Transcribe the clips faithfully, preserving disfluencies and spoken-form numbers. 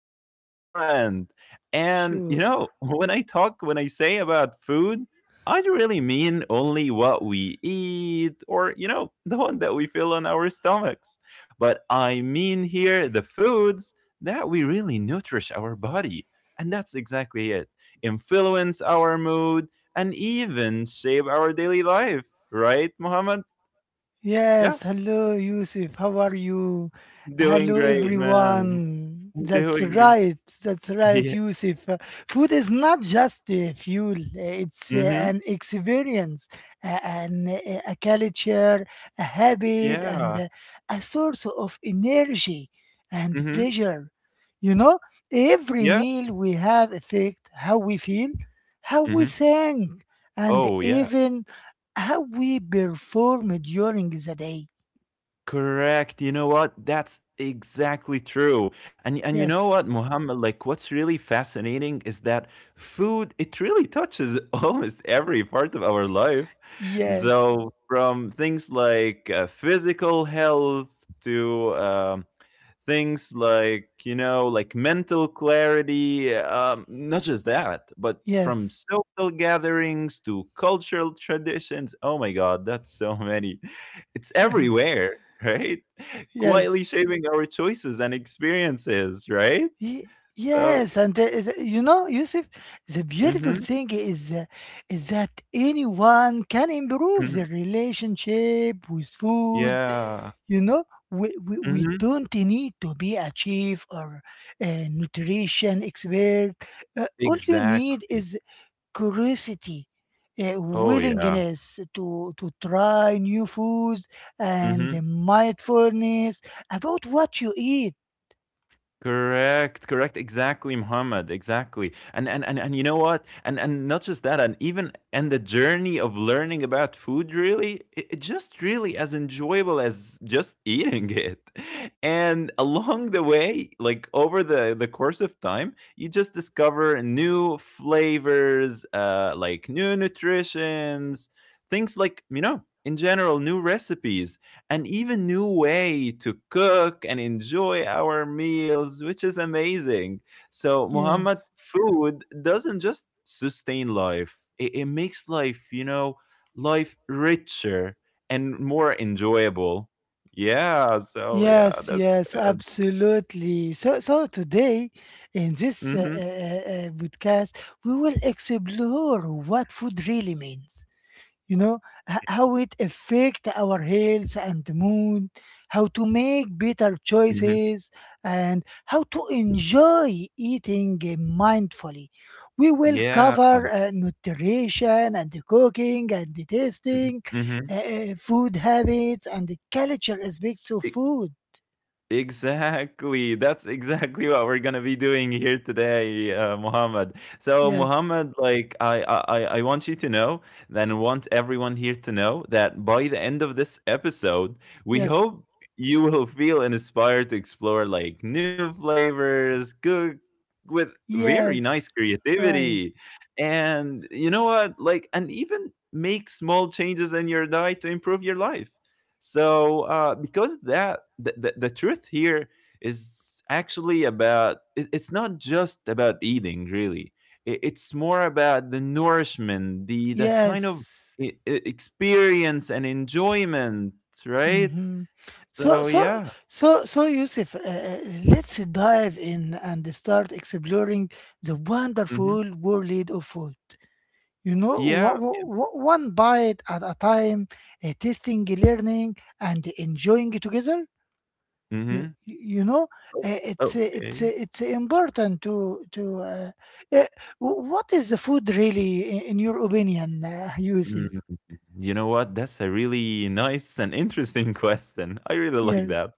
really important. And, you know, Sure. when I talk, when I say about food, I really mean only what we eat or, you know, the one that we feel on our stomachs, but I mean here the foods that we really nourish our body. And that's exactly it. Influence our mood and even shape our daily life, right, Muhammad? Yeah, Yes, hello Yusuf, how are you? doing Hello great, man. everyone. That's Doing great. right, that's right, Yeah. Yusuf. Uh, food is not just uh, fuel, uh, it's uh, Mhm. an experience, uh, an, uh, a culture, a habit, and Yeah. uh, a source of energy and Mhm. pleasure. You know, every Yeah. meal we have affect how we feel, how we Mhm. think, and Oh, yeah. even how we perform during the day. Correct. You know what? That's exactly true. And and you know what, Yes, Muhammad, like what's really fascinating is that food, it really touches almost every part of our life. yes, So, from things like uh, physical health to um, things like, you know, like mental clarity. Um, not just that, but from yes, social gatherings to cultural traditions. Oh my god, that's so many. It's yes, everywhere, right? Quietly yes, shaping our choices and experiences, right? Ye- So, yes. And the- the- you know, Yusuf, the beautiful mhm, thing is uh, is that anyone can improve mhm, their relationship with food. yeah, You know, we, we, we mhm, don't need to be a chef or a nutrition expert. Uh, all you need exactly, is curiosity, a oh yeah, willingness to, to try new foods, and the mhm. mindfulness about what you eat. Correct, correct, exactly, Muhammad, exactly. And and and and you know what? And and not just that, and even and the journey of learning about food really, it, it just really as enjoyable as just eating it. And along the way, like over the the course of time, you just discover new flavors, uh, like new nutritions, things like, you know, in general, new recipes an even new way to cook and enjoy our meals, which is amazing. So, Muhammad, Yes. food doesn't just sustain life, it, it makes life, you know, life richer and more enjoyable. Yeah. So, yeah, Yes, that's yes, good. absolutely. So, so today in this uh, Hmm. uh, uh, podcast, we will explore what food really means. You know, h- how it affect our health and mood, how to make better Hmm. choices, and how to enjoy eating mindfully. We will Yeah. cover uh, nutrition and cooking and Mm-hmm. tasting, Mm-hmm. uh, uh, food habits and the culture aspects of food. Exactly. That's exactly what we're gonna be doing here today, uh, Muhammad. So, yes Muhammad, like I, I, I I want you to know, and want everyone here to know that by the end of this episode, we yes hope you will feel inspired to explore like new flavors, cook with very nice yes right. creativity, and, you know what, like, and even make small changes in your diet to improve your life. So, uh, because that the, the, the truth here is actually about it- it's not just about eating really. I- It's more about the nourishment, the the kind of yes e- e- experience and enjoyment, right? Mhm. So, So so, yeah. so, so, Yusuf, uh, uh, let's dive in and start exploring the Hmm. wonderful world of food. You know, wha- Yeah. wha- wha- one bite at a time, uh, tasting, learning, and enjoying it together. You, Hmm. you know, uh, it's uh, it's uh, Okay. it's important to to. Uh, uh, wh- what is the food really, in, in your opinion, uh, Yusuf? Mm, you know what? That's a really nice and interesting question. I really like Yes, that.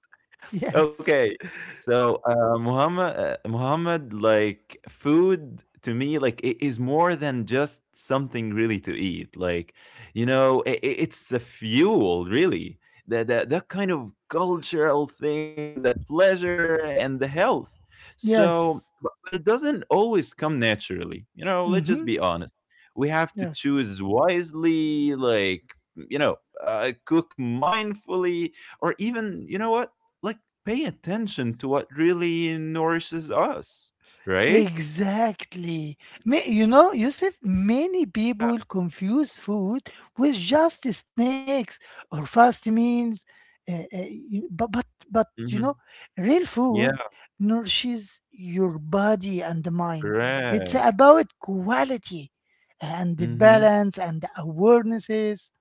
yes, Okay. So, uh, Muhammad, uh, Muhammad, like food to me, like it is more than just something really to eat. Like, you know, i i- it's the fuel, really. That that that kind of cultural thing, the pleasure and the health. So, yes. but, but it doesn't always come naturally. You know, let's just Mm-hmm. be honest. We have to Yes. choose wisely, like, you know, uh, cook mindfully, or even, you know what, like, pay attention to what really nourishes us, right? Exactly. Ma- you know, Yusuf, many Yeah. people confuse food with just snacks or fast meals. Uh, uh, you- but, but, but, you know, Mhm. real Yeah, food nourishes your body and the mind. It's correct. about quality and the Mhm. balance and the awarenesses.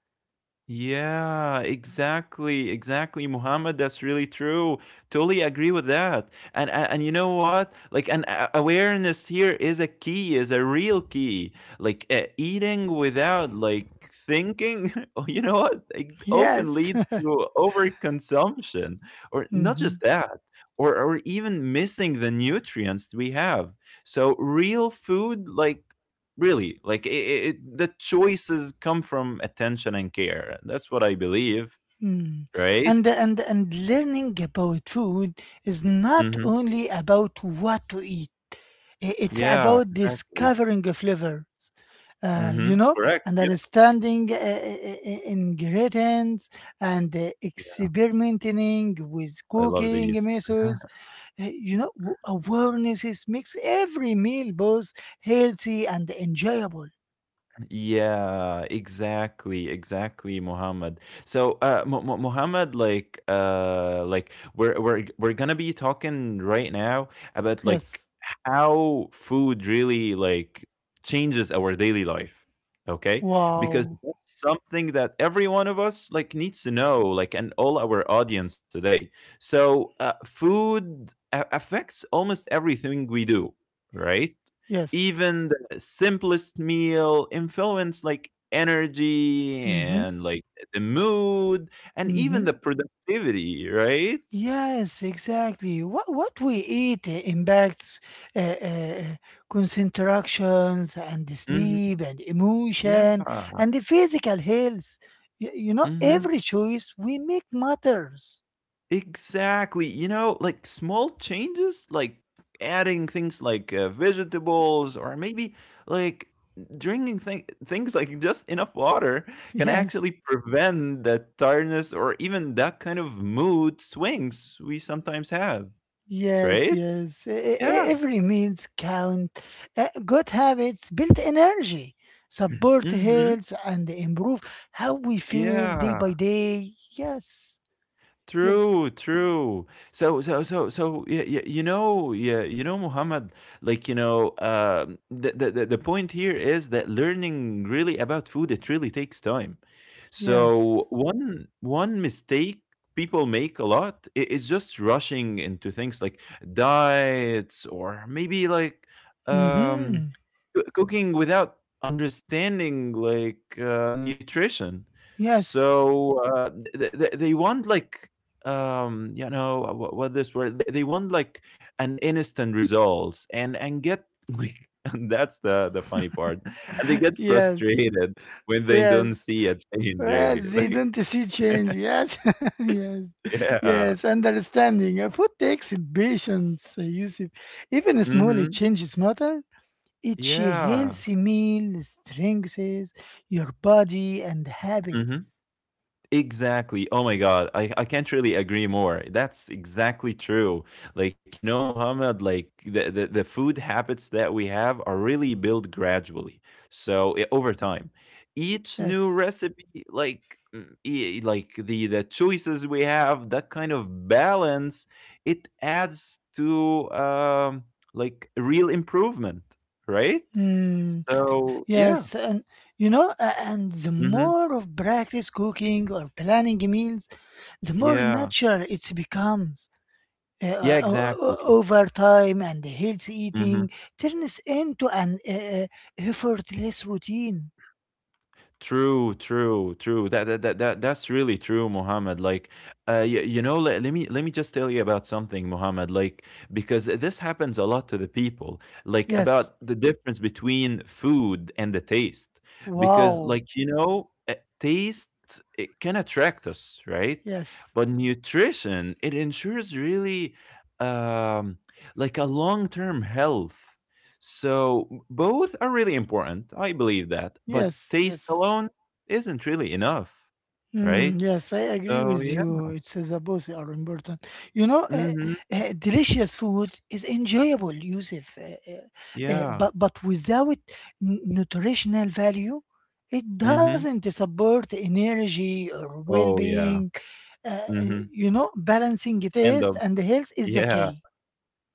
Yeah, exactly, exactly, Muhammad. That's really true. Totally agree with that. And and, and you know what? Like, an a- awareness here is a key, is a real key. Like, uh, eating without like thinking. Oh, you know what? It often Yes. leads to overconsumption, or not Mhm. just that, or or even missing the nutrients we have. So real food, like, really, like, I it the choices come from attention and care. That's what I believe, Mm. right? And and and learning about food is not Mhm. only about what to eat. I- It's Yeah, about exactly. discovering flavors, uh, you Mhm. know, Correct, and yeah. understanding uh, uh, uh, ingredients and uh, Yeah, experimenting with I love cooking these. methods. Uh, you know, w- awarenesses makes every meal both healthy and enjoyable. Yeah, exactly, exactly, Muhammad. So, uh, Mu- Mu- Muhammad, like, uh, like we're we're we're gonna be talking right now about like Yes. how food really like changes our daily life. Okay, because Wow. that's something that every one of us like needs to know, like, and all our audience today. So, uh, food a- affects almost everything we do, right? Yes. Even simplest meal influence like energy Mm-hmm. and like the mood and even Mm-hmm. the productivity, right? Yes, exactly. What what we eat uh, impacts uh, uh, concentrations and Mhm. sleep and Yeah. emotion and the physical health. You, you know, Mhm. every choice we make matters. Exactly. You know, like small changes, like adding things like uh, vegetables or maybe like drinking th- things like just enough water can actually Yes, prevent the tiredness or even that kind of mood swings we sometimes have, yes, right? yes. E- e- e, Yeah. Every meals count. Uh, good habits build energy, support Mhm. health, and improve how we feel day Yeah. by day. Yes, Ye- True, true. So, so, so, so, yeah, yeah, you know, yeah, you know, Muhammad, like, you know, um, the, the, the the point here is that learning really about food, it really takes time. So yes. one, one mistake people make a lot i- is just rushing into things like diets or maybe like, um, Mm-hmm. coo- cooking without understanding like uh, nutrition. Yes, So, uh, th- th- th- they want like um you know uh, what, what this word they, they want like an instant results and and get like, and that's the the funny part, and they get yes, frustrated when they don't yes. see a change Yes, really. the Like. identity change. Yes, yes, yes. Yeah. Understanding. Uh, Food takes patience, uh, Yusuf. Even small Hmm. changes matter. Each Yeah. healthy meal strengthens your body and Hmm. habits. Exactly. Oh my God. I, I can't really agree more. That's exactly true. Like, you know, Mohammed, like the, the, the food habits that we have are really built gradually. So, eh, over time, each new Yes. recipe, like, mm, e- like the, the choices we have, that kind of balance, it adds to, um, like real improvement, right? Mm, So yeah. yes, and you know, a- and the Hmm. more of practice cooking or planning meals, the more Yeah. natural it becomes. uh, Yeah, uh, o- o- exactly. Overtime and healthy Mm-hmm. eating turns into an uh, effortless routine. True, true, true. That that that, that that's really true, Mohammed. Like, uh, you, you know, let, let me let me just tell you about something, Mohammed. Like, because this happens a lot to the people. Like about Yes. the difference between food and the taste, because, Wow. like, you know, uh, taste it can attract us, right? Yes. But nutrition it ensures really, um, like a long term health. So both are really important. I believe that. But Yes. taste Yes. alone isn't really enough, Mm, right? yes, I agree So with yeah. you. It says that both are important. You know, uh, Mm-hmm. uh, delicious food is enjoyable, Yusuf, uh, uh, uh, Yeah. but but without n- nutritional value, it Mm-hmm. doesn't support energy or Oh well-being. yeah. uh, uh, Mm-hmm. you know, balancing taste Stand and up. health is the key Yeah.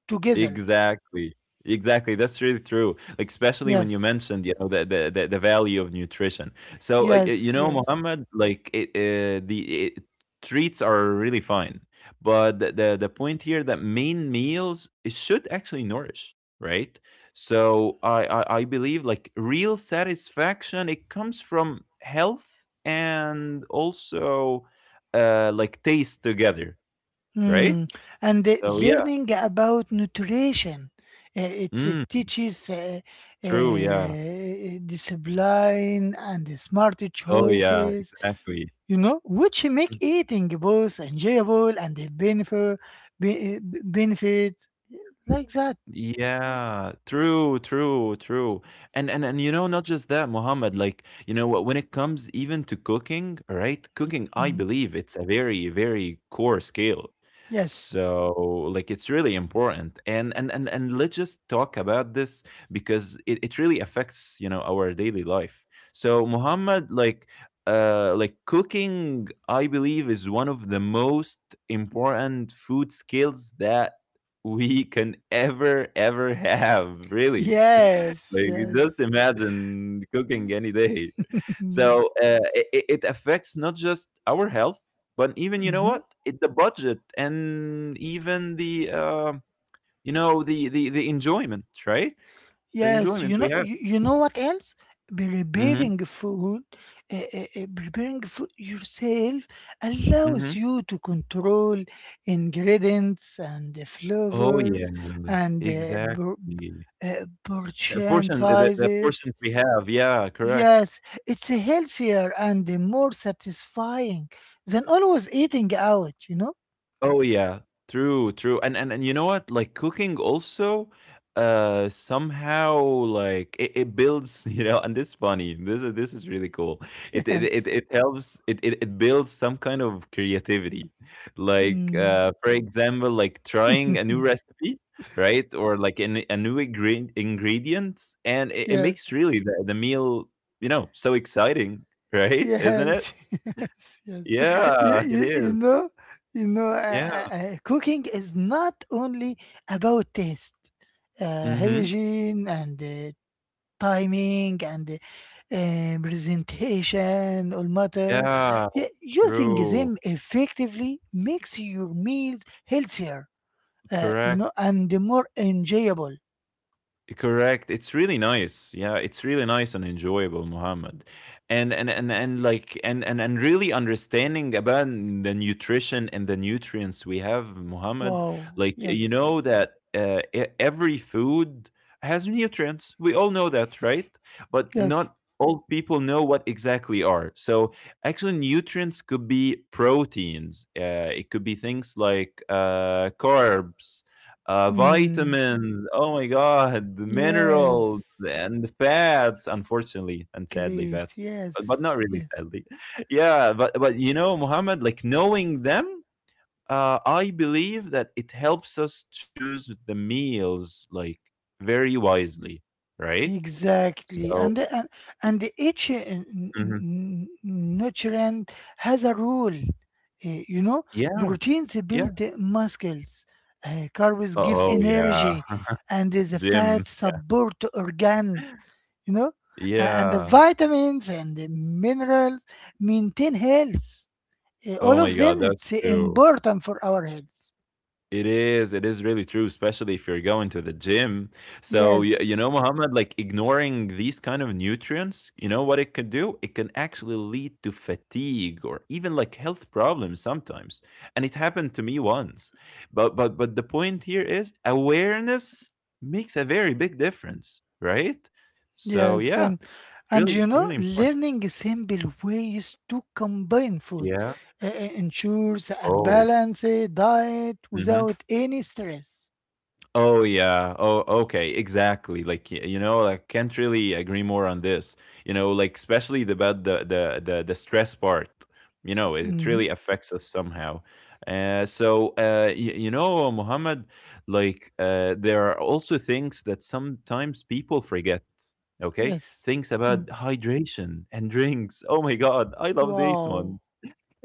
together. Exactly. Exactly. That's really true. Like, especially when you Yes, mentioned, you know, the the the, the value of nutrition. So, uh, y- you yes, know, yes. Mohammed, like it, uh, the it, treats are really fine, but the, the the point here that main meals it should actually nourish, right? So, I, I I believe like real satisfaction it comes from health and also uh like taste together, right? Hmm. And uh, So yeah. learning about nutrition, uh, it it Mm, teaches uh, true. Yeah. uh, discipline and smart Oh, yeah, choices, exactly. you know, which make eating both enjoyable and a benefit, be, benefit like that. Yeah, true, true, true. And and and you know, not just that, Muhammad, like, you know what, when it comes even to cooking, right? Cooking, I Mm, believe it's a very, very core skill. yes, So, like, it's really important. And and and and let's just talk about this because it, it really affects, you know, our daily life. So, Muhammad, like uh like cooking, I believe, is one of the most important food skills that we can ever, ever have, really. yes, Like, you just yes, imagine cooking any day. So, yes. uh, it, it it affects not just our health, but even, you know Mhm. what, It, the budget and even the, uh, you know, the, the, the enjoyment, right? The Yes, enjoyment you we know, have. you, you know what else? Hmm. Preparing food, uh, uh, uh, preparing food yourself Hmm. allows you to control ingredients and Oh, yeah. flavors and uh, por- Exactly. uh, The portion portion, the, the portions sizes. we have. Yeah, correct. Yes, it's healthier and more satisfying than always eating out, you know? Oh yeah, true, true, and and and you know what? Like cooking also, uh, somehow like it, it builds, you know, and this is funny. This is this is really cool. It it it, Yes. it helps. It, it it builds some kind of creativity, like, Mm, uh, for example, like trying a new recipe, right, or like an, a new ingre- ingredients, and it, it makes yes. really the, the meal, you know, so exciting, right? Isn't it? Yes, yes, yes. You, Yeah, it you, you is. know, you know, Yeah. uh, uh, uh, cooking is not only about taste, uh, Mm-hmm. hygiene and uh, timing and uh, presentation all matter. Yeah. Y- using True. them effectively makes your meals healthier, uh, you Correct. know, and more enjoyable. Correct. It's really nice. Yeah, it's really nice and enjoyable, Muhammad. And and and and like and and and really understanding about the nutrition and the nutrients we have, Muhammad. Wow. Like, you Yes. know that uh, e- every food has nutrients. We all know that, right? But Yes. not all people know what exactly are. So actually, nutrients could be proteins. Uh, it could be things like uh, carbs, uh, Mm. vitamins. Oh my god, Yes. minerals and fats. Unfortunately and sadly, Great. fats, Yes. but, but not really Yes. sadly. Yeah, but but you know, Muhammad, like knowing them, uh, I believe that it helps us choose the meals like very wisely, right? Exactly, and So, the- and and the each uh, n- n- mhm, n- nutrient has a role. Uh, you know, yeah, proteins build yeah. the muscles, uh, carbs give Oh oh, yeah. energy, and the Jim. fats Yeah, support organs. You know, A- and the yeah. vitamins and the minerals maintain health. Uh, all Oh of my them, god, that's it's true. important for our health. It is. It is really true, especially if you're going to the gym. So, you, you know, Yes. Muhammad, like ignoring these kind of nutrients, you know what it can do? It can actually lead to fatigue or even like health problems sometimes. And it happened to me once. But but but the point here is awareness makes a very big difference, right? So, Yes, yeah, and and you really know, really important. learning simple ways to combine food Yeah. uh, uh, ensures a Oh. balanced diet Mm-hmm. without any stress. Oh yeah. Oh, okay. Exactly. Like y- you know, like can't really agree more on this. You know, like especially the about the the the, the stress part. You know, it Hmm. really affects us somehow. Uh, so uh, y- you know, Muhammad, like uh, there are also things that sometimes people forget. Okay, Yes. things about Mm. hydration and drinks. Oh my God, I love this Wow. one.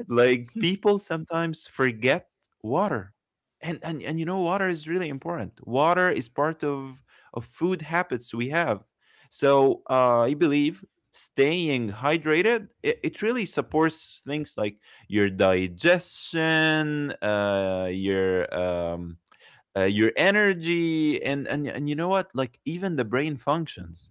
Like people sometimes forget water. And and and you know water is really important. Water is part of of food habits we have. So uh, I believe staying hydrated it, it really supports things like your digestion, uh, your um, uh, your energy, and and and you know what? Like even the brain functions,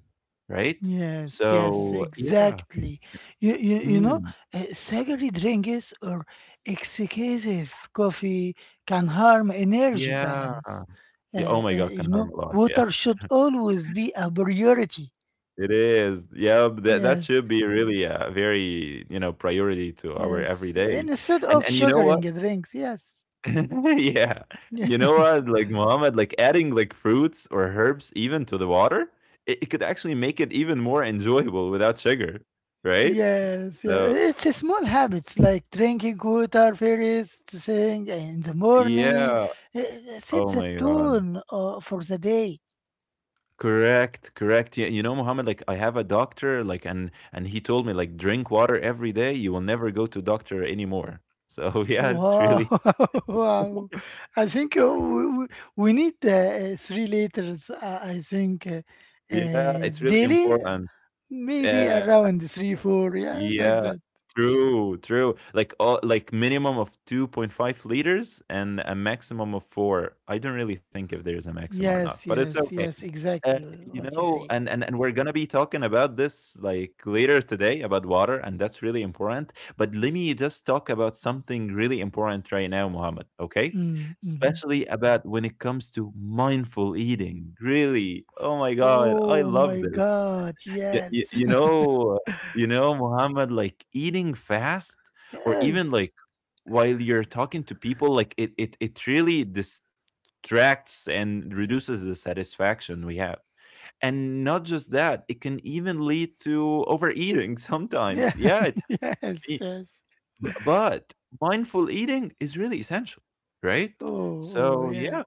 right? Yes, yes, So yeah, exactly. You you, you know, mm, uh, sugary drinks or excessive coffee can harm energy yeah. balance. Yeah. Oh Uh, my uh, God, You can harm know, a lot. Yeah. water should always be a priority. It is. Yeah, that that Yes. should be really a very, you know, priority to our Yes, everyday. instead And of and you know sugaring what? drinks, yes. Yeah. You Yeah, know what, like, Mohammed, like adding like fruits or herbs even to the water, it, it could actually make it even more enjoyable without sugar, right? yes, yeah. So It's a small habits like drinking water first thing in the morning. yeah. It sets Oh the my God. tone uh, for the day. Correct, correct. Yeah, you know, Mohammed, like I have a doctor, like and and he told me like drink water every day, you will never go to doctor anymore. So yeah, it's Wow, really wow. I think uh, we, we we need uh, uh, three liters, uh, I think, uh, Yeah, uh, it's really daily, important. maybe Uh, around three, four, yeah, like yeah, that. true, true. Like all, like minimum of two point five liters and a maximum of four. I don't really think if there's a maximum or not, Yes, but it's yes, okay. yes, Uh, exactly you uh, what you know, and say. and and we're gonna be talking about this like later today about water, and that's really important. But let me just talk about something really important right now, Mohammed. Okay, Mm. Mm-hmm. especially about when it comes to mindful eating. Really, oh my God, I Oh love my this. God, Y y yes. you know you know, Muhammad, like, eating fast or even, like, Yes. while you're talking to people, like, it it it really distracts and reduces the satisfaction we have. And not just that, it can even lead to overeating Yeah. sometimes. Yeah, it Yes, I b yes. but mindful eating is really essential, right? Oh, oh So, yeah. yeah,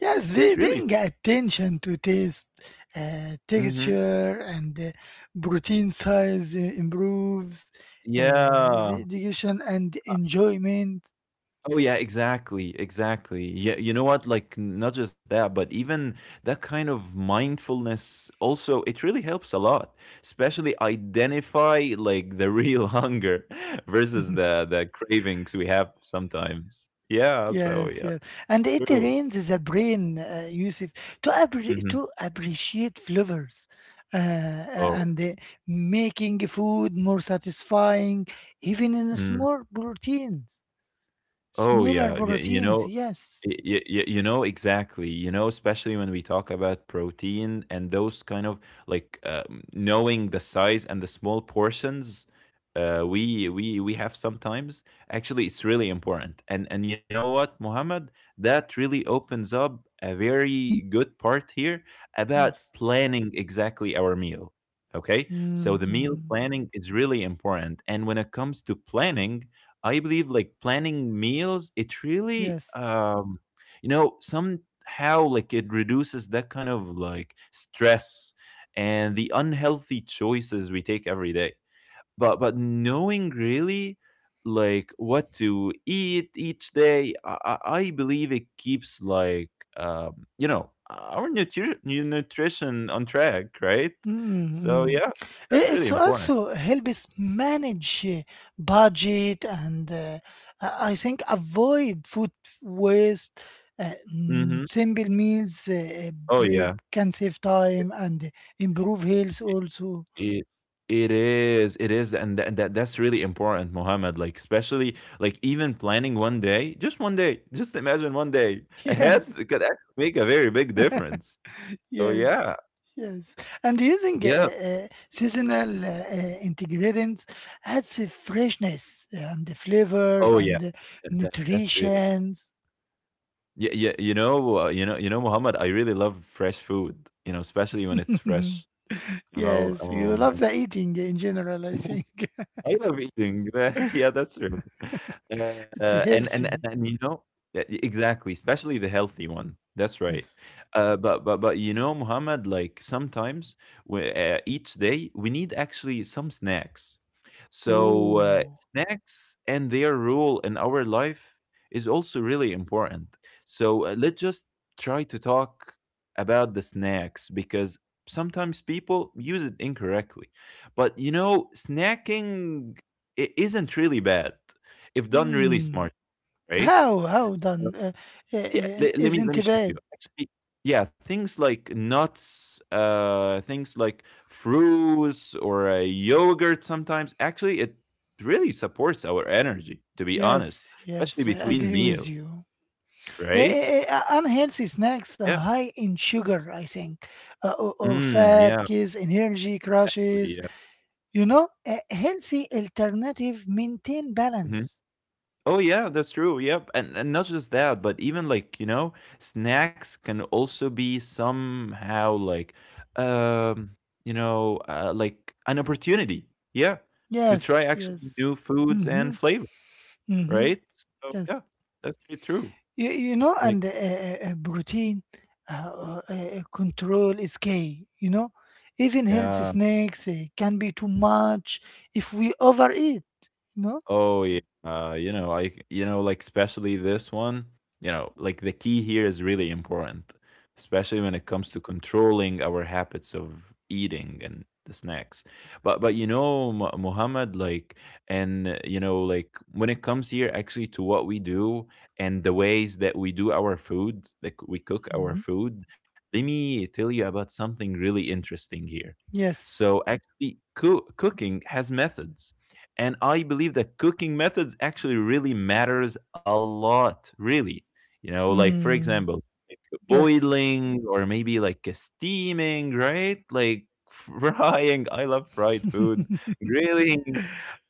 Yes, it's be, really paying attention to taste, uh, Mhm. texture, and uh, protein size uh, improves uh, Yeah. the digestion and enjoyment. Oh yeah, exactly, exactly. Yeah, you know what? Like not just that, but even that kind of mindfulness also it really helps a lot. Especially identify like the real hunger versus the the cravings we have sometimes. Yeah, so Yes, yeah, yes. And it true. trains the brain, uh, Yusuf, to appre Hmm. to appreciate flavors uh, uh, Oh, and uh, making food more satisfying, even in mm. small proteins, Oh smaller yeah. y- You proteins. know, Yes, Y- y- you know exactly you know especially when we talk about protein and those kind of like uh, knowing the size and the small portions uh, we we we have sometimes actually it's really important, and and you know what, Muhammad, that really opens up a very good part here about yes. planning exactly our meal. Okay, Mm, so the mm. meal planning is really important, and when it comes to planning I believe like planning meals, it really Yes. um you know somehow like it reduces that kind of like stress and the unhealthy choices we take every day. But but knowing really like what to eat each day, i, I I believe it keeps like um, you know our nutri- nu- nutrition on track, right? So Mm-hmm. yeah, that's really It's important. also helps manage uh, budget and uh, I I think avoid food waste. Uh, mm, hmm. Simple meals uh, Oh brief yeah. can save time and improve health also. It it is, it is, and that that that's really important, Mohammed. Like especially like even planning one day, just one day, just imagine one day ahead Yes, could actually make a very big difference. So yes, yeah, yes. And using uh, yeah, uh, seasonal uh, uh, ingredients adds a freshness and the flavors oh and yeah, the that, that- that's really nutrition. yeah yeah. You know, uh, you know, you know, Mohammed. I really love fresh food. You know, especially when it's fresh. You know, Yes, you love um, the eating in general, I think. I love eating. Yeah, that's true. Uh, It's uh, and, and and healthy. and you know yeah, e- exactly, especially the healthy one. That's right. Yes. Uh, but but but you know, Muhammad, like sometimes we, uh, each day we need actually some snacks. So uh, Ooh. snacks and their role in our life is also really important. So uh, let's just try to talk about the snacks because sometimes people use it incorrectly. But you know, snacking i- isn't really bad if done really Hmm. smart, right? How? How Uh, done? Uh, uh, Yeah, le- uh, let me let me Isn't show you. bad. Actually, yeah, things like nuts, uh, things like fruits or uh, yogurt. Sometimes, actually, it really supports our energy. To be honest, Yes, especially yes, I between agree meal, with you. Yeah, right? eh, eh, uh, unhealthy snacks are Yeah. high in sugar, I think, uh, or, or Mm, yeah. fat, gives energy crashes. Yeah. You know, a healthy alternative maintain Mm-hmm. balance. Oh yeah, that's true. Yep. And and not just that, but even like, you know, snacks can also be somehow like um, you know, uh, like an opportunity. Yeah. To try Yes, actually yes. new foods Mm-hmm. and flavor, Mm-hmm. right? So yeah, Yes. that's really true. You, you know, Like, and uh, uh, uh, protein uh, uh, uh, eh, control is key. You know, even healthy yeah. snacks uh, can be too much if we overeat. You know. Oh yeah, uh, you know, I, you know, like especially this one, you know, like the key here is really important, especially when it comes to controlling our habits of eating and the snacks. But but you know, Mu- Muhammad, like, and uh, you know, like when it comes here actually to what we do and the ways that we do our food, like we cook our Mhm. food, let me tell you about something really interesting here. Yes. So actually, coo- cooking has methods, and I believe that cooking methods actually really matters a lot. Really, you know, like for Hmm. example, like, Yes. boiling or maybe like a steaming, right? Like frying, I love fried food, grilling,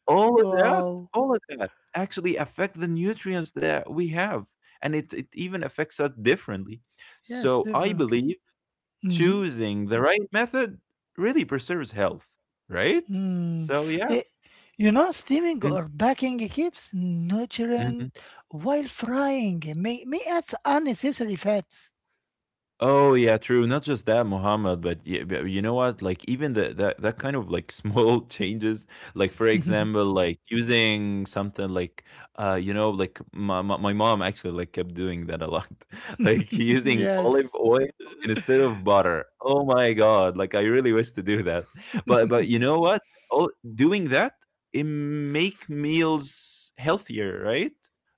all of that, Wow. all of that actually affect the nutrients that we have, and it, it even affects us differently. Yes, So I definitely. believe Mm-hmm. choosing the right method really preserves health, right? Mm. So yeah. Eh, you know, steaming Mhm. or baking keeps Mhm. nutrient while frying may, may add unnecessary fats. Oh yeah, true. Not just that, Muhammad, but yeah, but you know what? Like even the that that kind of like small changes, like for example, like using something like uh you know like my my, my mom actually like kept doing that a lot, like using olive Yes. oil instead of butter. Oh my God! Like I really wish to do that, but but you know what? All doing that, it make meals healthier, right?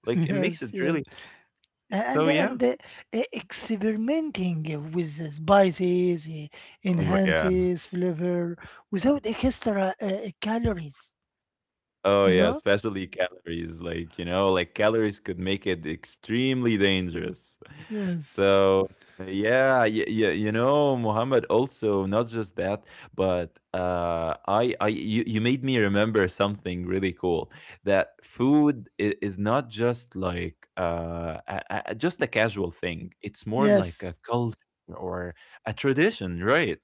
Like it makes Yes, it yes. really. So and yeah. and uh, uh, experimenting with the spices uh, Oh my God. enhances flavor without extra uh, calories, Oh you yeah, know. especially calories. Like, you know, like calories could make it extremely dangerous. yes So yeah, yeah, yeah, you know, Muhammad, also not just that, but uh I I you, you made me remember something really cool, that food i- is not just like uh a, a, a- just a casual thing. It's more like a yes. culture or a tradition, right?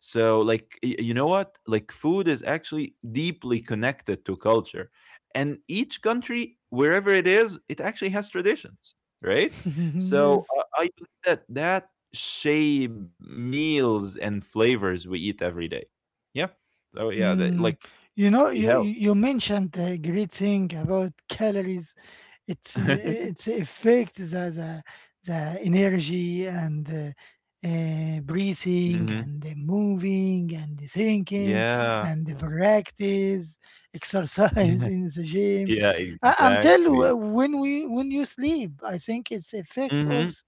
So, like, y- you know what? Like, food is actually deeply connected to culture. And each country, wherever it is, it actually has traditions, right? So, Yes. uh, I believe that that shape meals and flavors we eat every day. Yeah. So, yeah, that, Mm, like, you know, could be you you health. you mentioned the great thing about calories. It's uh, it's affect the the, the energy and uh, uh, breathing Hmm. and the moving and the thinking Yeah. and the, yes, practice, exercise in the gym, Yeah, uh, until exactly. w- when we when you sleep. I think it's effect Hmm. also.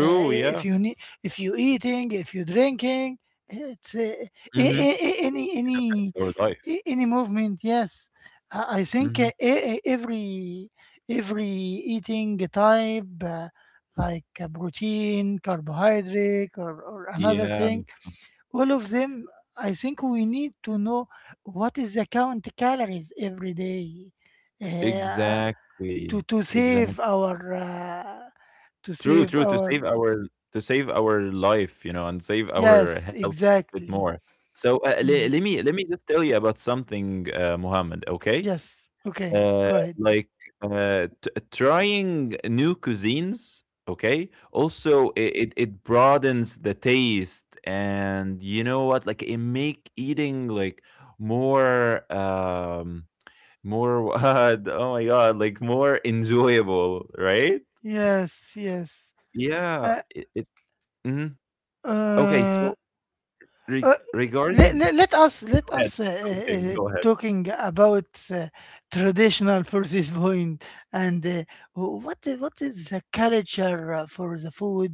Uh, if Yeah. you need, if you eating, if you drinking, it's uh, a- Hmm. a- a- any Affects any our life. a- any movement. Yes, I I think Hmm. uh, e- e- every every eating type, uh, like uh, protein, carbohydrate, or, or another Yeah. thing, all of them. I think we need to know what is the count calories every day, uh, to Exactly, to save exactly. our, uh, to True, save true. To our... save our to save our life, you know, and save our Yes, health a bit exactly. more. So uh, le- Mm. let me let me just tell you about something, uh, Muhammad. Okay, Yes. Okay, uh, go ahead. like uh, t- trying new cuisines. Okay, also it, it it broadens the taste, and you know what? Like it make eating like more. Um, more what? Oh my God, like more enjoyable, right? Yes, yes. Yeah, Uh, it, it mhm. Okay, uh, so re uh, let, regarding let, let us let go ahead. us uh, uh, Okay, uh, go ahead. talking about uh, traditional for this point and uh, wh- what i- what is the culture uh, for the food,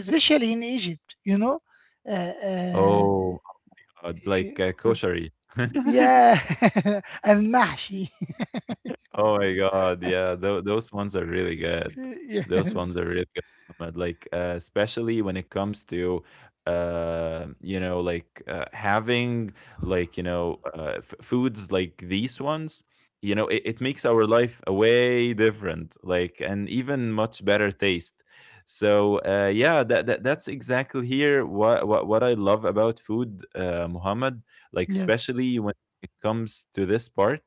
especially in Egypt. You know, uh, uh, Oh, uh, like uh, uh, koshery. yeah, and mahshi. Oh my God, yeah, tho- those ones are really good. Those ones are Yes, really good, Ahmed. Like, uh, especially when it comes to, uh, you know, like uh, having like you know, uh, f- foods like these ones. You know, it, it makes our life a way different, like, and even much better taste. So, uh, yeah, that, that that's exactly here what, what what I love about food, uh, Muhammad. Like, yes, especially when it comes to this part.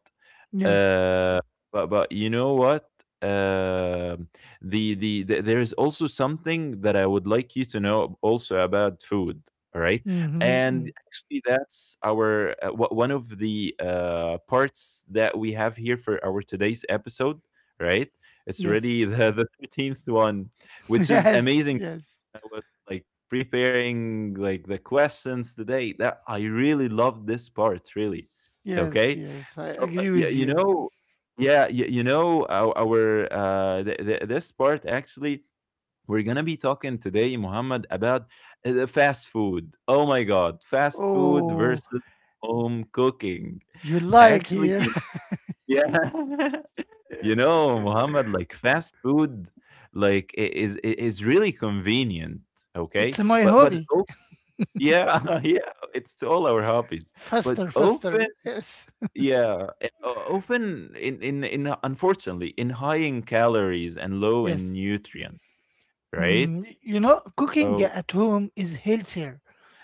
yes. Uh, but but you know what? Um the, the the there is also something that I would like you to know also about food. All right, Mm-hmm. Mm-hmm. and actually that's our uh, wha- one of the uh, parts that we have here for our today's episode. Right, it's already Yes. the the thirteenth one, which is Yes. amazing. Yes. I was like preparing like the questions today. That I really love this part. Really, Yes. okay. Yes. I Oh, uh, agree yeah, with you you. know yeah, you you know, ou our, uh, th th this part actually, we're gonna be talking today, Muhammad, about, uh, the fast food. Oh my God, fast food Oh, versus home cooking. you like Actually, here. you yeah. You know, Muhammad, like, fast food, like, I is I is really convenient, okay? It's my But but hobby. oh yeah, yeah, it's all our hobbies. But Faster, often faster. Yes. yeah, eh, often in in in unfortunately in high in calories and low in Yes. nutrients, right? Mm, you know, cooking So at home is healthier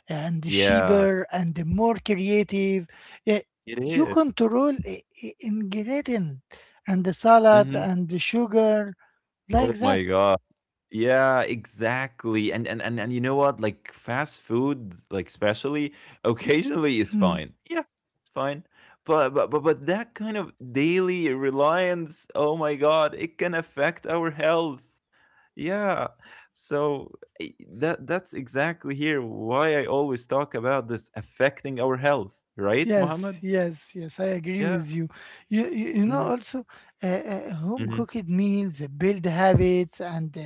and yeah, cheaper and more creative. Yeah, it you is. control i- i- ingredient and the salad Mm-hmm. and the sugar Oh like that. my God. Yeah, exactly. And and and and you know what? Like fast food, like especially occasionally is Hmm. fine. Yeah, it's fine. But but but but that kind of daily reliance, oh my God, it can affect our health. Yeah. So i- that that's exactly here why I always talk about this affecting our health, right, Yes, Mohammed? yes, yes. I agree Yeah. with you. You, you, you know, hmm also uh, uh, home hmm cooked meals build habits and uh,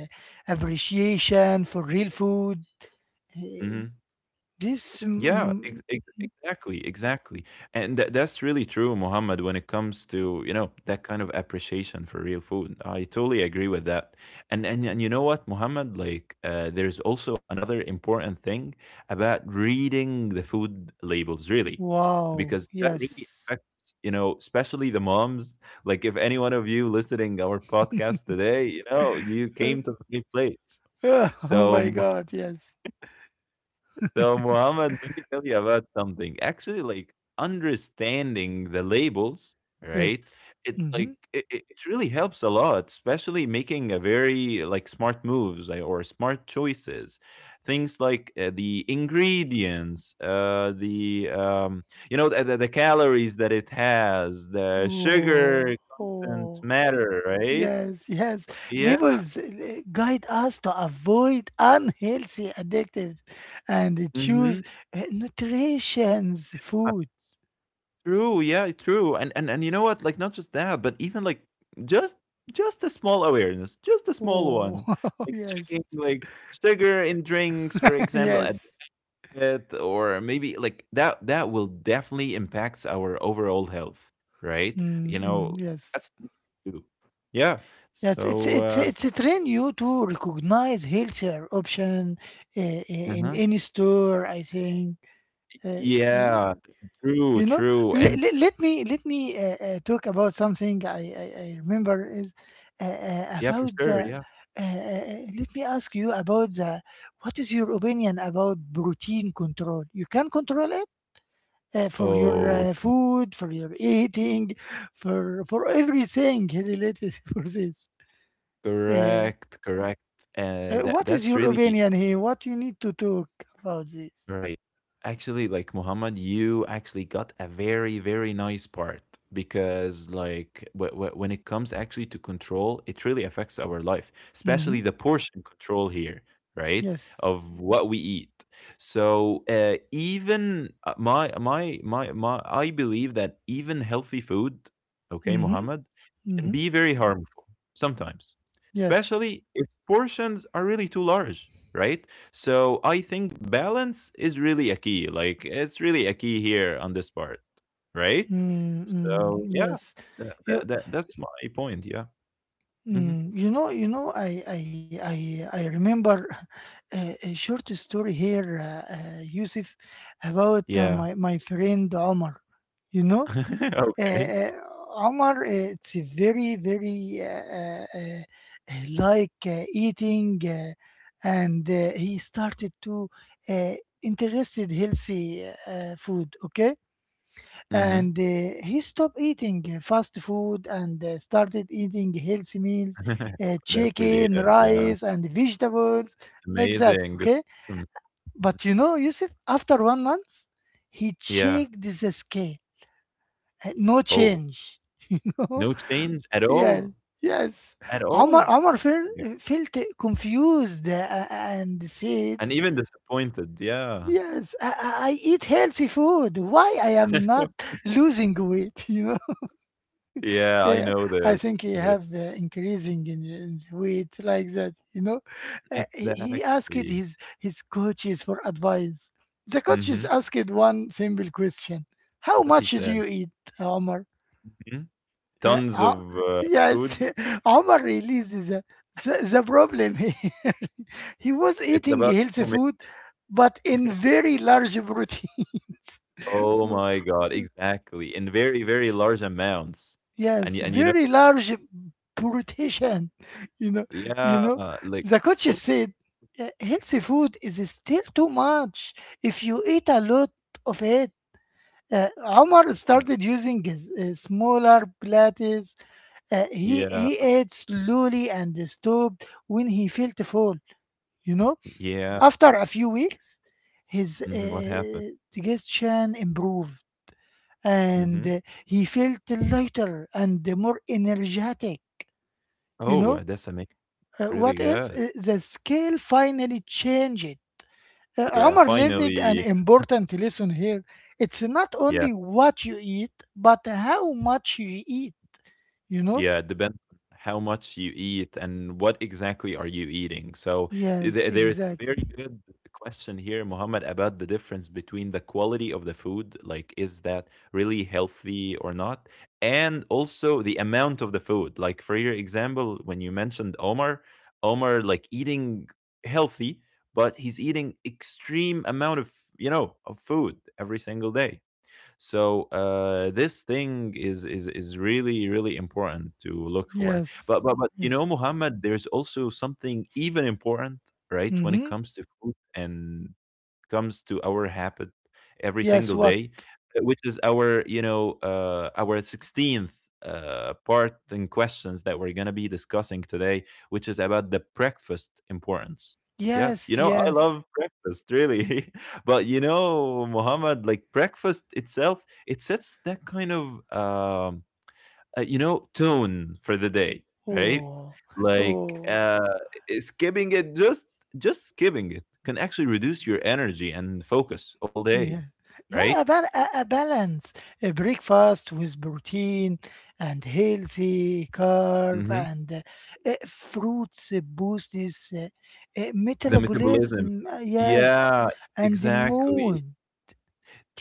appreciation for real food. hmm Uh, This, Yeah, ex mm, ex exactly, exactly. And tha that's really true, Mohammed, when it comes to, you know, that kind of appreciation for real food. I totally agree with that. And and and you know what, Mohammed, like uh, there's also another important thing about reading the food labels, really, wow, because that really yes. affects, you know, especially the moms. Like if any one of you listening our podcast today, you know, you Uh, came to the right place. uh, oh So my God, yes, so Muhammad, let me tell you about something. Actually, like understanding the labels, right? yes. It Mm-hmm. like it, it it really helps a lot, especially making a very like smart moves like, or smart choices. Things like uh, the ingredients, uh, the um, you know the, the the calories that it has, the Oh, sugar content oh. matter, right? Yes, yes. Yeah. Labels uh, guide us to avoid unhealthy addictive and Mm-hmm. choose uh, nutritious foods. True, yeah, true. And and and you know what? Like not just that, but even like just just a small awareness, just a small one. Oh, Like checking yes, like sugar in drinks, for example, at yes, it, or maybe like that that will definitely impacts our overall health, right? mm, You mm, know, yes, that's true. Yeah. yes. It's So it's uh it's a train you to recognize healthier option uh, in uh-huh. any store. I think uh, you, Yeah, true, you know, true. let, And let, let me let me uh, uh, talk about something. i i, I remember is uh, uh, yeah, for about the, sure, uh, yeah. uh, uh, let me ask you about the, what is your opinion about protein control? You can control it uh, for your Oh, uh, yeah, food, for your eating, for for everything related for this, uh, correct, correct. Uh, uh, that what is that's your really opinion here? What you need to talk about this? right. Actually, like Muhammad, you actually got a very, very nice part because, like, w- w- when it comes actually to control, it really affects our life, especially Mm-hmm. the portion control here, right? Yes. Of what we eat. So, uh, even uh, my, my, my, my, I believe that even healthy food, okay, Mm-hmm. Muhammad, can Mm-hmm. be very harmful sometimes, Yes. especially if portions are really too large, right? So I think balance is really a key. Like it's really a key here on this part, right? Mm, mm, So yeah, yes. that, You, that, that- that's my point. Yeah. hmm mm, you know, you know, I, I, I, I remember a, a short story here, uh, uh, Yusuf, about uh, Yeah. my, my friend Omar. You know, uh, okay. uh, Omar, uh, it's a very, very uh, uh, uh, like uh, eating, uh, and uh, he started to uh, interested healthy uh, food. Okay. hmm And uh, he stopped eating uh, fast food and uh, started eating healthy meals, uh, that's pretty chicken good. Yeah. rice and vegetables, like that. Amazing. Good. Okay. For him. Mhm. But you know, Yusuf, after one month he Yeah. checked the scale. Uh, no Oh, change. No. no change at Yes, all. yes. At omar all. omar felt, Yeah. felt confused uh, and said, And even disappointed. Yeah. "Yes, I, I I eat healthy food. Why i am not losing weight?" you Yeah, I Uh, know I this. think he Kind of have uh, increasing in, in the weight, like that. You know, Uh, he he asked exactly. his his coaches for advice. The coaches Mhm. asked one simple question: "How What he much do you said. eat, Omar?" Mhm. Uh, Tons of, Ho- uh, yes, food. Omar releases the, the, the problem. He was It's eating about how healthy many? food, but in very large protein. Oh my god, exactly. In very, very large amounts. And Yes, y and, you know, very large politician. You know, you know. yeah, like, The coach over. said, "Uh, healthy food is still too much if you eat a lot of it. Uh, Omar Yeah. started using his, uh, smaller plates. Uh, he Yeah. he ate slowly and stopped when he felt full." You know, Yeah. after a few weeks his Mhm, what happened? uh, digestion improved and Mhm. uh, he felt lighter and more energetic. You know Oh, that's amazing. Uh, Really what else? good. Uh, the scale finally changed. Uh, Yeah, Omar learned an finally. important lesson here. It's not Yeah. only what you eat, but how much you eat. You know? Yeah, it depends on how much you eat and what exactly are you eating. So Yes, th- there is a very exactly. good question here, Mohammed, about the difference between the quality of the food, like is that really healthy or not, and also the amount of the food. Like for your example, when you mentioned Omar, Omar like eating healthy, but he's eating extreme amount of you know of food every single day. So uh, this thing is is is really really important to look for. But Yes, but but you know, yes. Muhammad, there's also something even important, right? When it Mm-hmm. comes to food and comes to our habit every single Yes, day, what? uh, which is our you know uh, our sixteenth uh, part and questions that we're gonna be discussing today, which is about the breakfast importance. Yeah, you Yes, know, I yes. love breakfast really. But you know, Muhammad, like breakfast itself, it sets that kind of um, uh, you know tone for the day, right? Oh, Like oh. uh, i- skipping it, just just skipping it can actually reduce your energy and focus all day, Yeah, right? yeah, a, bal- a, a balance, a breakfast with protein and healthy carb hmm and uh, uh, fruits uh, boosts uh, uh, The metabolism, metabolism. Uh, yes, yeah, and the exactly. moon,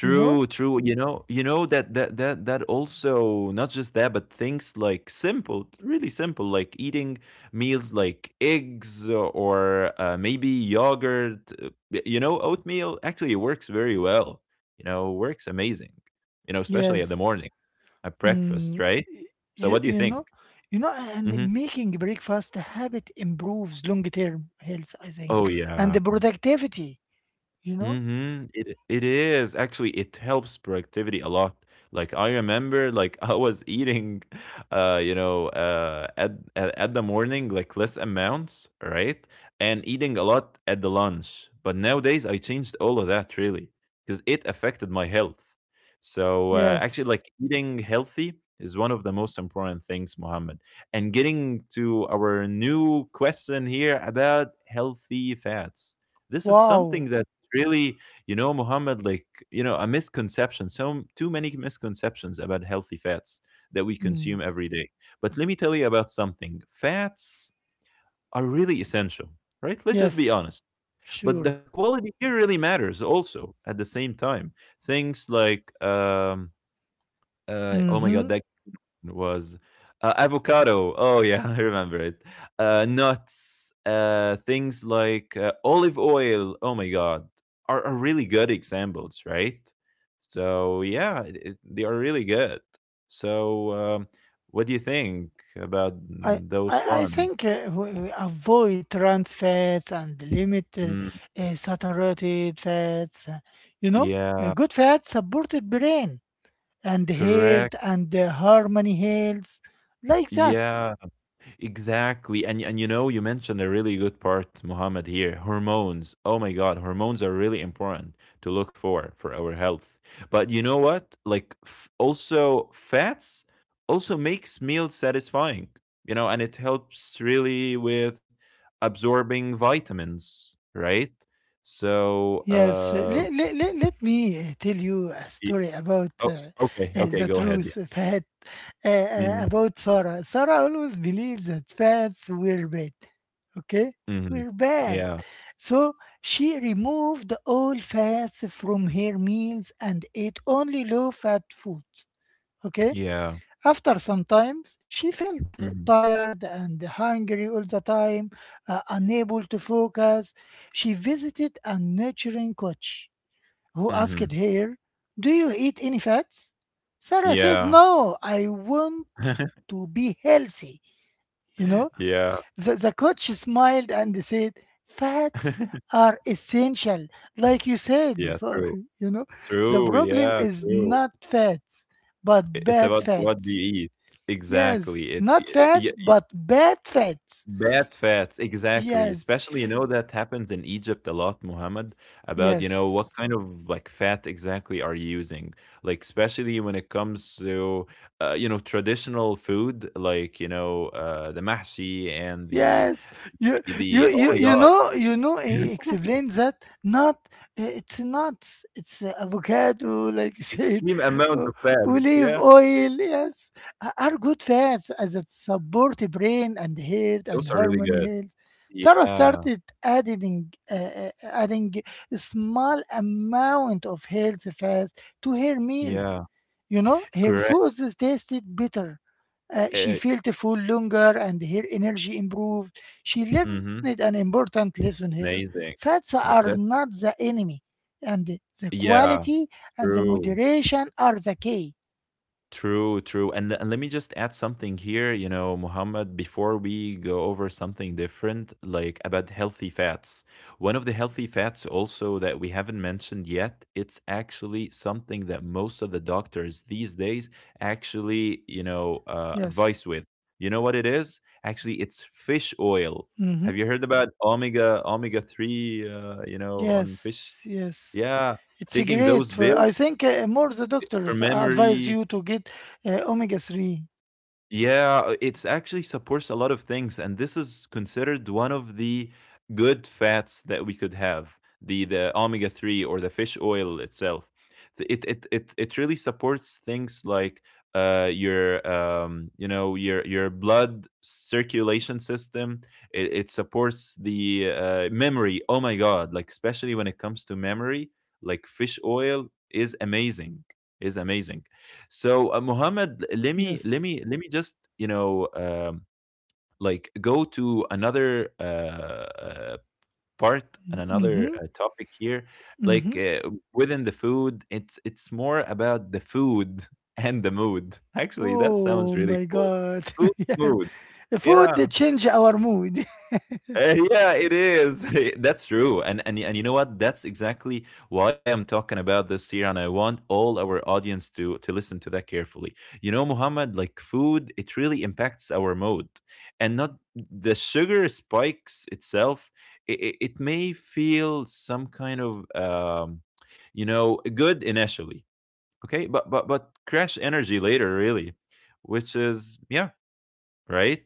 you know. true. You know, you know that that that that also not just that, but things like simple, really simple, like eating meals like eggs or uh, maybe yogurt. uh, y- You know, oatmeal actually works very well. You know, works amazing. You know, especially at the Yes, morning at breakfast, mm, right? y- So, you what do you you know, think? you know, and Hmm making breakfast a habit improves long term health, I think, Oh and yeah, the productivity. You know. mhm. It it is. Actually, it helps productivity a lot. Like I remember like I was eating uh you know uh at at, at the morning like less amounts, right? And eating a lot at the lunch. But nowadays I changed all of that really because it affected my health. So uh, actually Yes. like eating healthy is one of the most important things, Mohammed. And getting to our new question here about healthy fats, this is Wow. something that really, you know, Mohammed, like, you know, a misconception, so too many misconceptions about healthy fats that we Mm, consume every day. But let me tell you about something. Fats are really essential, right? Let's just be yes. honest. But Sure. the quality here really matters also at the same time. Things like um uh, oh my god, Hmm. that was uh, avocado. Oh yeah, I remember it. Uh, nuts, uh, things like uh, olive oil. Oh my god, are, are really good examples, right? So yeah, it, it- they are really good. So um, what do you think about I, mm, I, those I ones? think uh, we, we avoid trans fats and limit uh, Mm, uh, saturated fats. uh, You know, Uh, yeah, Good fats supported brain and heart correct. and uh, harmony health, like that. Yeah, exactly. And and you know, you mentioned a really good part, Mohammed, here. Hormones. Oh my God, hormones are really important to look for for our health. But you know what? Like f- also fats also makes meals satisfying, you know, and it helps really with absorbing vitamins, right? So, Yes, let, uh let, let, let me uh, tell you a y- story about oh, uh, uh, okay, okay, the go ahead. Yeah. truth, of fat, uh, uh, hmm about Sarah. Sarah always believed that fats were bad. Okay, hmm we're bad. Yeah. So she removed all fats from her meals and ate only low fat foods. Okay. Yeah. After some times, she felt hmm tired and hungry all the time, uh, unable to focus. She visited a nurturing coach who asked hmm her, "Do you eat any fats?" Sarah said, Yeah. "No, I want to be healthy, you know. yeah. The, the coach smiled and said, "Fats are essential, like you said Yeah, before." true. You know, the True, problem yeah, is true. not fats, but I- It's bad about what you fats. eat. Yes, Exactly. It, y- not y- fats, y- but bad fats. Bad fats, exactly. Yes, Especially, you know, that happens in Egypt a lot, Muhammad, about, you know, what yes. kind of like fat exactly are you using? Like, especially when it comes to, uh, you know, traditional food, like, you know, uh, the mahshi and the, Yes, you the, you oh you my you God, know you know he explains that not, uh, it's nuts, it's uh, avocado, like you said. extreme amount o- of fat. Olive Yeah. oil, yes, a- are good fats as it support the brain and health and Those are really harmony good. health. Sarah Yeah. started adding uh, uh, adding a small amount of healthy fats to her meals. Yeah. You know her Correct. foods tasted better, uh, she Eh, felt full longer and her energy improved. She learned an mhm, important lesson here. amazing. Fats are That that's not the enemy, and the yeah, quality and the true, moderation are the key. true, true, and and let me just add something here, you know, Muhammad, before we go over something different, like about healthy fats. One of the healthy fats also that we haven't mentioned yet, it's actually something that most of the doctors these days actually, you know, uh, Yes. advise with. You know what it is? Actually, it's fish oil. Hmm. Have you heard about omega omega three uh, you know on fish? Yes. Yes. Yeah, It's a taking those great for. builds I think uh, more the doctors from advise memory. you to get, uh, omega three. Yeah, uh, it's actually supports a lot of things, and this is considered one of the good fats that we could have, the the omega three or the fish oil itself. Th- It it it it really supports things like uh your um you know your your blood circulation system. It, it supports the uh, memory. Oh my God, like especially when it comes to memory, like fish oil is amazing. Is amazing. So uh, Muhammad, let me let Yes. me let me just you know um, like go to another uh, uh, part and another Mm-hmm. uh, topic here. Like Mm-hmm. uh, within the food, it's it's more about the food and the mood. Actually, that sounds Oh really my cool. God. Food, Yes. mood. Food Yeah, change our mood. Uh, Yes. yeah, it is. That's true. And and y- and you know what? That's exactly why I'm talking about this here, and I want all our audience to to listen to that carefully. You know, Muhammad, like food, it really impacts our mood, and not the sugar spikes itself. It, it it may feel some kind of um, you know, good initially, okay, but but but crash energy later, really, which is yeah, right?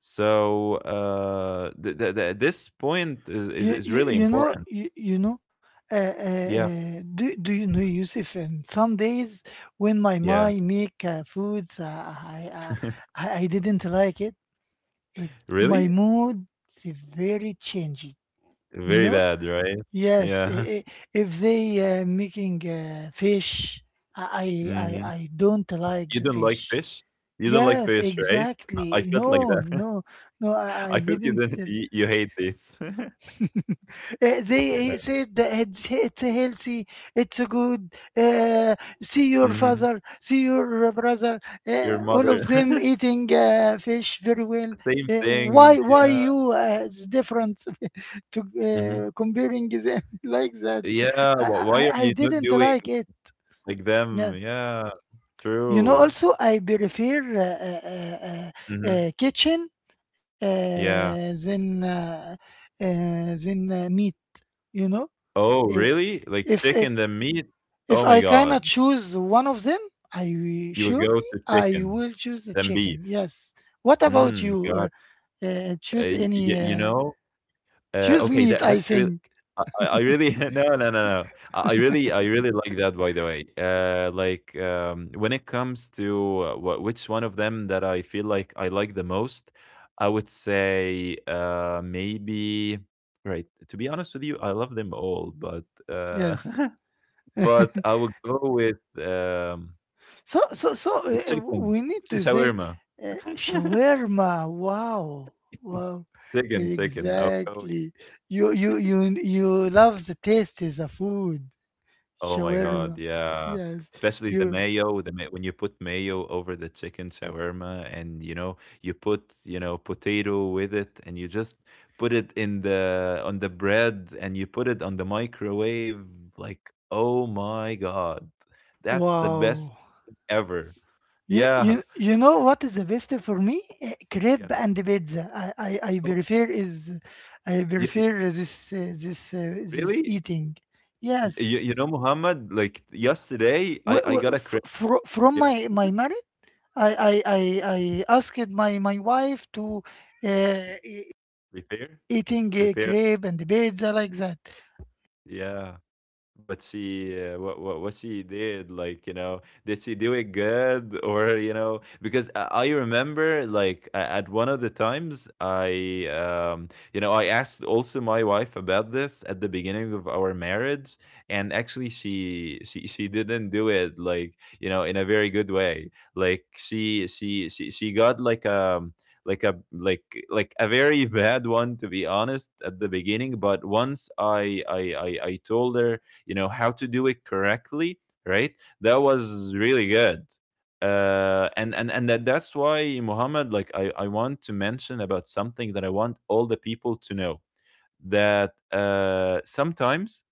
So uh, th- th- th- this point is, is You, is you, really you important. know you, you know uh, uh, Yeah, uh, do, do you know, Yusuf, and some days when my yeah. mom make uh, foods, uh, I, uh, I I didn't like it it My Really, mood is very changing. you very know bad, right? yes. i- Yeah. I- if they uh, making uh, fish, I, I I hmm I don't like You the don't like fish. fish. You don't like Yes, fish, right? exactly. I I felt No, like that. no, no, I, I I felt you didn't. didn't. You, you hate this. Uh, they yeah. he said that it's, it's healthy, it's good. Uh, See your hmm father, see your brother, Your uh, all mother. of them eating uh, fish very well. Same Uh, thing. why why Yeah. you uh, it's different to hmm uh, comparing them, like that? Yeah. I, wh- I Why are I I you not didn't doing like it. like them? Yeah. Yeah. You know, True. also I prefer uh, uh, uh, uh, Hmm uh, kitchen uh, Yeah. than uh, uh, than uh, meat. You know. Oh, Eh, really? Like if if chicken, than meat? Oh if my I God. cannot choose one of them, I will- You would go surely to I chicken, will choose the than chicken. beef. Yes. What about Mm, you? God. Uh, uh, Uh, choose y y any you uh, know? Uh, choose Okay, meat, that that's I really. think. I I I really no, no, no, no. I I really I really like that, by the way. Uh, like, um, when it comes to uh, wh which one of them that I feel like I like the most, I would say, uh, maybe right, to be honest with you, I love them all, but, uh Yes. but I would go with, um, So so so a uh, uh, chicken, we need chicken to say shawarma. uh, shawarma. Wow, wow, Chicken, chicken. I'll go with exactly. You you you you love the taste of the food. oh my God, Shawarma. yeah. Yes. Especially the You mayo, the ma when you put mayo over the chicken shawarma and, you know, you put, you know, potato with it and you just put it in the on the bread and you put it on the microwave, like, oh my God, that's the best wow. ever. You, Yeah. you, you know what is the best for me? Uh, Yeah. Crepe and pizza. I, I, I Oh my prefer is I y y prefer this uh, this uh, this really? eating. Y Yes. you you know, Muhammad, like yesterday, I W- I w- got a f- credit, fro- From yeah, my my marriage, I I I I asked my my wife to uh, e- prepare, eating a prepare, crepe and right? pizza, like that. Yeah. But she, uh, what, what, what she did, like, you know, did she do it good or, you know, because I I remember like a- at one of the times I, um, you know, I asked also my wife about this at the beginning of our marriage, and actually she, she, she didn't do it like, you know, in a very good way. Like she, she, she, she got like, um, like a like like a very bad one, to be honest, at the beginning. But once i i i, I told her, you know, how to do it correctly, right? That was really good. uh, and and and that, that's why, Muhammad, like I, I want to mention about something that I want all the people to know, that uh, sometimes,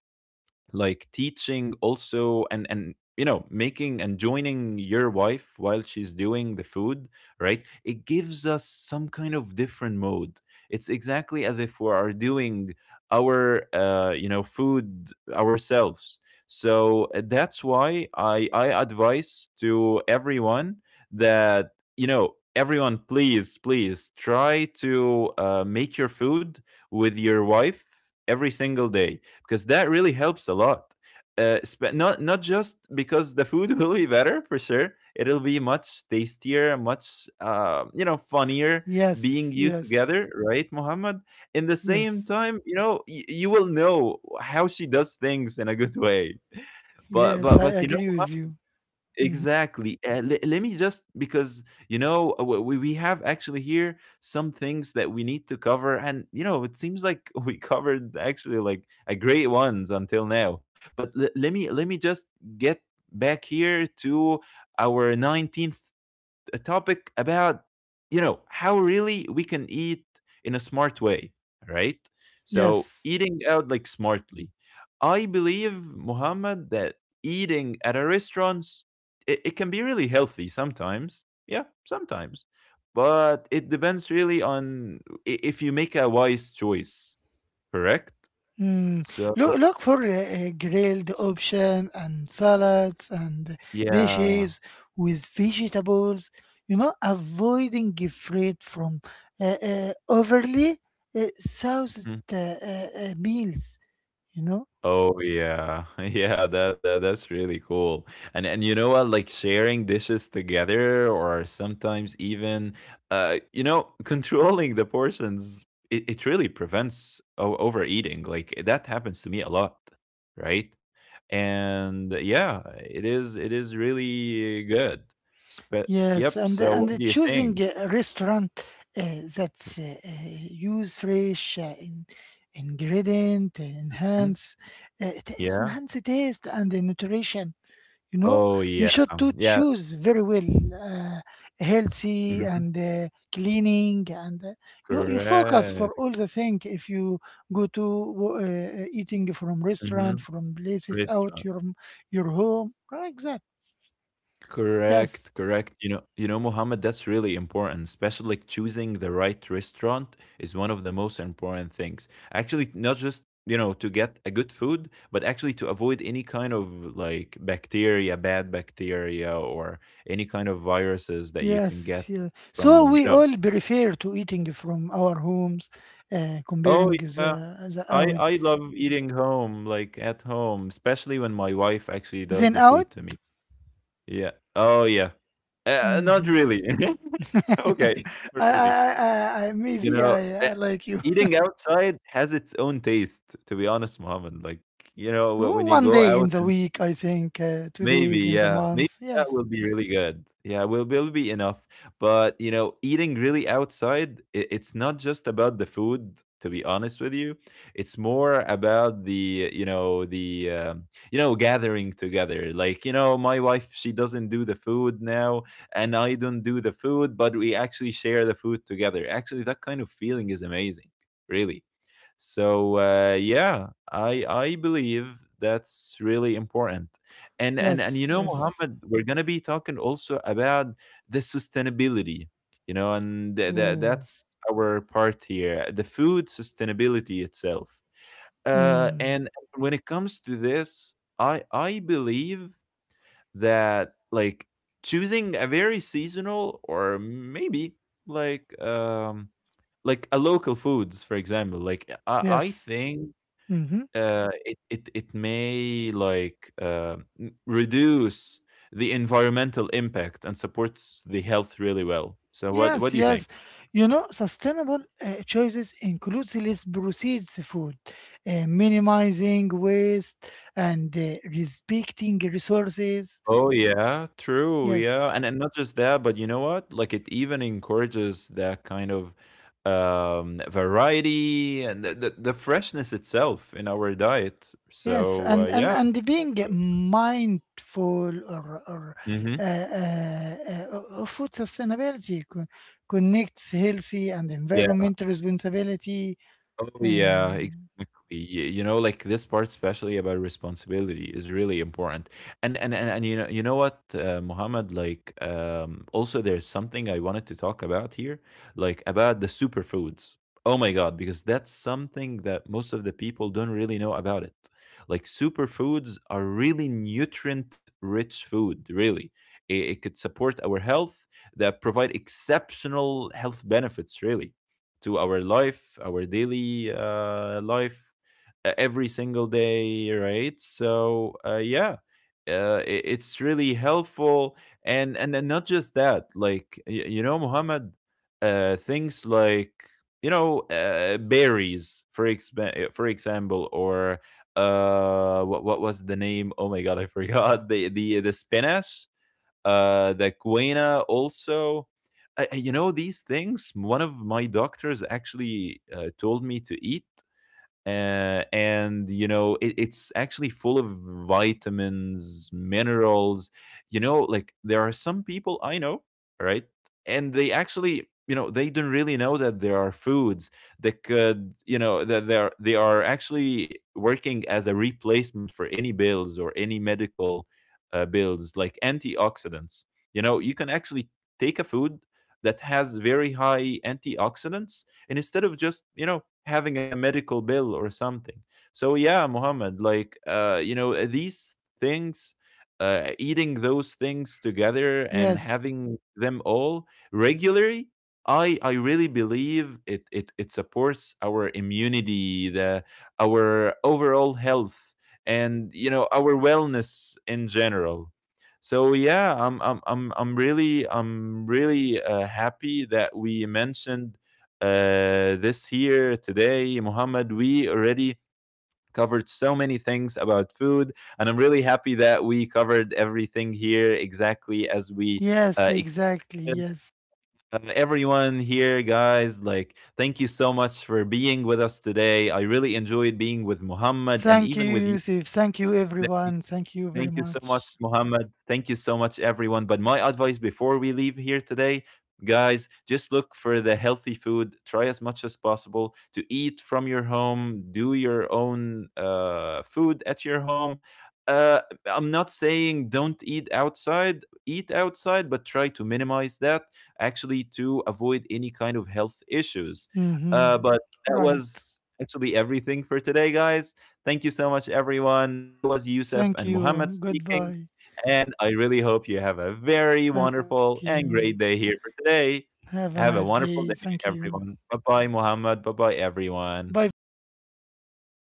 like, teaching also, and and you know, making and joining your wife while she's doing the food, right, it gives us some kind of different mode. It's exactly as if we are doing our uh, you know, food ourselves. So uh, that's why i i advise to everyone that, you know, everyone, please please try to uh, make your food with your wife every single day, because that really helps a lot. Uh, spe- not not just because the food will be better, for sure. It'll be much tastier, much uh, you know, funnier Yes, being you yes, together, right, Muhammad? In the same yes, time, you know, y- you will know how she does things in a good way. But yes. but I but you know, agree with you. Mhm. exactly. Uh, le- let me just, because, you know, uh, we we have actually here some things that we need to cover, and, you know, it seems like we covered actually like a great ones until now. But le- let me let me just get back here to our nineteenth a topic about, you know, how really we can eat in a smart way, right? So, Yes. eating out, like, smartly. I believe, Muhammad, that eating at a restaurant, it, it can be really healthy sometimes. Yeah, sometimes. But it depends really on i- if you make a wise choice, correct? Mm. So Look look for a, a grilled option and salads and yeah. dishes with vegetables. You know, avoiding fruit from uh, uh, overly uh, soused Mm-hmm. uh, uh, uh, meals. You know Oh yeah, yeah, that, that that's really cool. And and you know what, like sharing dishes together, or sometimes even, uh, you know, controlling the portions, it, it really prevents o- overeating. Like that happens to me a lot, right? And yeah, it is it is really good. But Yes, yep. and So the- and what the do you choosing think? a restaurant, uh, that's uh, uh, use fresh uh, in, ingredient, uh, Mhm. enhance, uh, it, it Yeah. enhance the taste and the nutrition. You know, Oh you yeah. should to Yeah. choose very well, uh, healthy and Hmm. uh, cleaning, and uh, you you focus for Correct. all the thing. If you go to wo- uh, uh, eating from restaurant, Hmm. from places out Restaurant. your your home, like that. Correct, Yes. correct. You know, you know, Mohammed, that's really important. Especially, like, choosing the right restaurant is one of the most important things. Actually, not just, you know, to get a good food, but actually to avoid any kind of, like, bacteria, bad bacteria, or any kind of viruses that you can Yes, get yeah. So from, you we know, all prefer to eating from our homes, uh, oh comparing yeah. the, the I, out, I love eating home, like at home, especially when my wife actually does the then food out. to me. Yeah. Oh yeah. Uh, not Mhm. really. Okay, not I, I, really. I, I, You maybe know, eh, I, I like you. eating outside has its own taste, to be honest, Mohammed. Like, you know, wh- O- when you One go day in out the and week, I think. Uh, two maybe, days in yeah. the Maybe month. that will Yes, be really good. Yeah, will will be enough. But you know, eating really outside, it, it's not just about the food. To be honest with you, it's more about the, you know, the um, you know, gathering together. Like, you know, my wife, she doesn't do the food now, and I don't do the food, but we actually share the food together. Actually, that kind of feeling is amazing, really. So uh, yeah, I I believe that's really important. And and and you yes, know, yes. Mohammed, we're gonna be talking also about the sustainability, you know, and tha tha Oh, that's our part here, the food sustainability itself. Uh, mm, and when it comes to this, I I believe that, like, choosing a very seasonal or maybe like um like a local foods, for example, like I I yes. think hmm uh, it it it may like uh, m- reduce the environmental impact and supports the health really well. So what Yes, what do you yes. think? You know, sustainable uh, choices includes less proceeds food, uh, minimizing waste, and uh, respecting resources. Oh yeah, true. Yeah, Yes, and and not just that, but you know what? Like it even encourages that kind of um variety and the, the, the freshness itself in our diet. yes, So uh, and and yeah. and being mindful or or Mhm. uh, uh, uh, of food sustainability co- connects healthy and environmental responsibility. Oh yeah, Uh, exactly. Y- You know, like this part, especially about responsibility, is really important. And and and, and you know, you know what, uh, Muhammad, like, um, also there's something I wanted to talk about here, like about the superfoods. Oh my God, because that's something that most of the people don't really know about it. Like, superfoods are really nutrient-rich food, really. It, it could support our health, that provide exceptional health benefits, really, to our life, our daily uh, life, uh, every single day, right? So uh, yeah, uh, i- it's really helpful. And and and not just that, like, y- you know, Muhammad, uh, things like, you know, uh, berries, for exp- uh, for example, or uh what what was the name, oh my God, I forgot the the the spinach, uh, the quena also. Uh, you know, these things. One of my doctors actually uh, told me to eat. uh, and you know, it, it's actually full of vitamins, minerals. You know, like, there are some people I know, right, and they actually, you know, they don't really know that there are foods that could, you know, that they are, they are actually working as a replacement for any bills or any medical uh, bills, like antioxidants. You know, you can actually take a food that has very high antioxidants, and instead of just, you know, having a medical bill or something. So yeah, Muhammad, like, uh you know, these things, uh, eating those things together and yes, having them all regularly, i i really believe it it, it supports our immunity, the our overall health, and, you know, our wellness in general. So yeah, i'm i'm i'm, I'm really i'm really uh, happy that we mentioned uh, this here today, Muhammad. We already covered so many things about food. And I'm really happy that we covered everything here exactly as we uh, yes, exactly. expected. Yes. Uh, everyone here, guys, like, thank you so much for being with us today. I really enjoyed being with Muhammad and Thank you, even with you Yusuf. Thank you, today. everyone. Thank you Thank very you so much, much. Mohammed. Thank you so much, everyone. But my advice before we leave here today, guys, just look for the healthy food. Try as much as possible to eat from your home. Do your own uh, food at your home. Uh, I'm not saying don't eat outside. Eat outside, but try to minimize that actually to avoid any kind of health issues. Mm-hmm. Uh, but that Right. was actually everything for today, guys. Thank you so much, everyone. That was Yusuf Thank and you. Muhammad speaking. Goodbye. And I really hope you have a very Thank you. wonderful and great day here for Have a today. nice day. Have a Thank wonderful day, you. everyone. Bye bye, Muhammad. Bye bye, Bye bye, everyone. Yusuf. Bye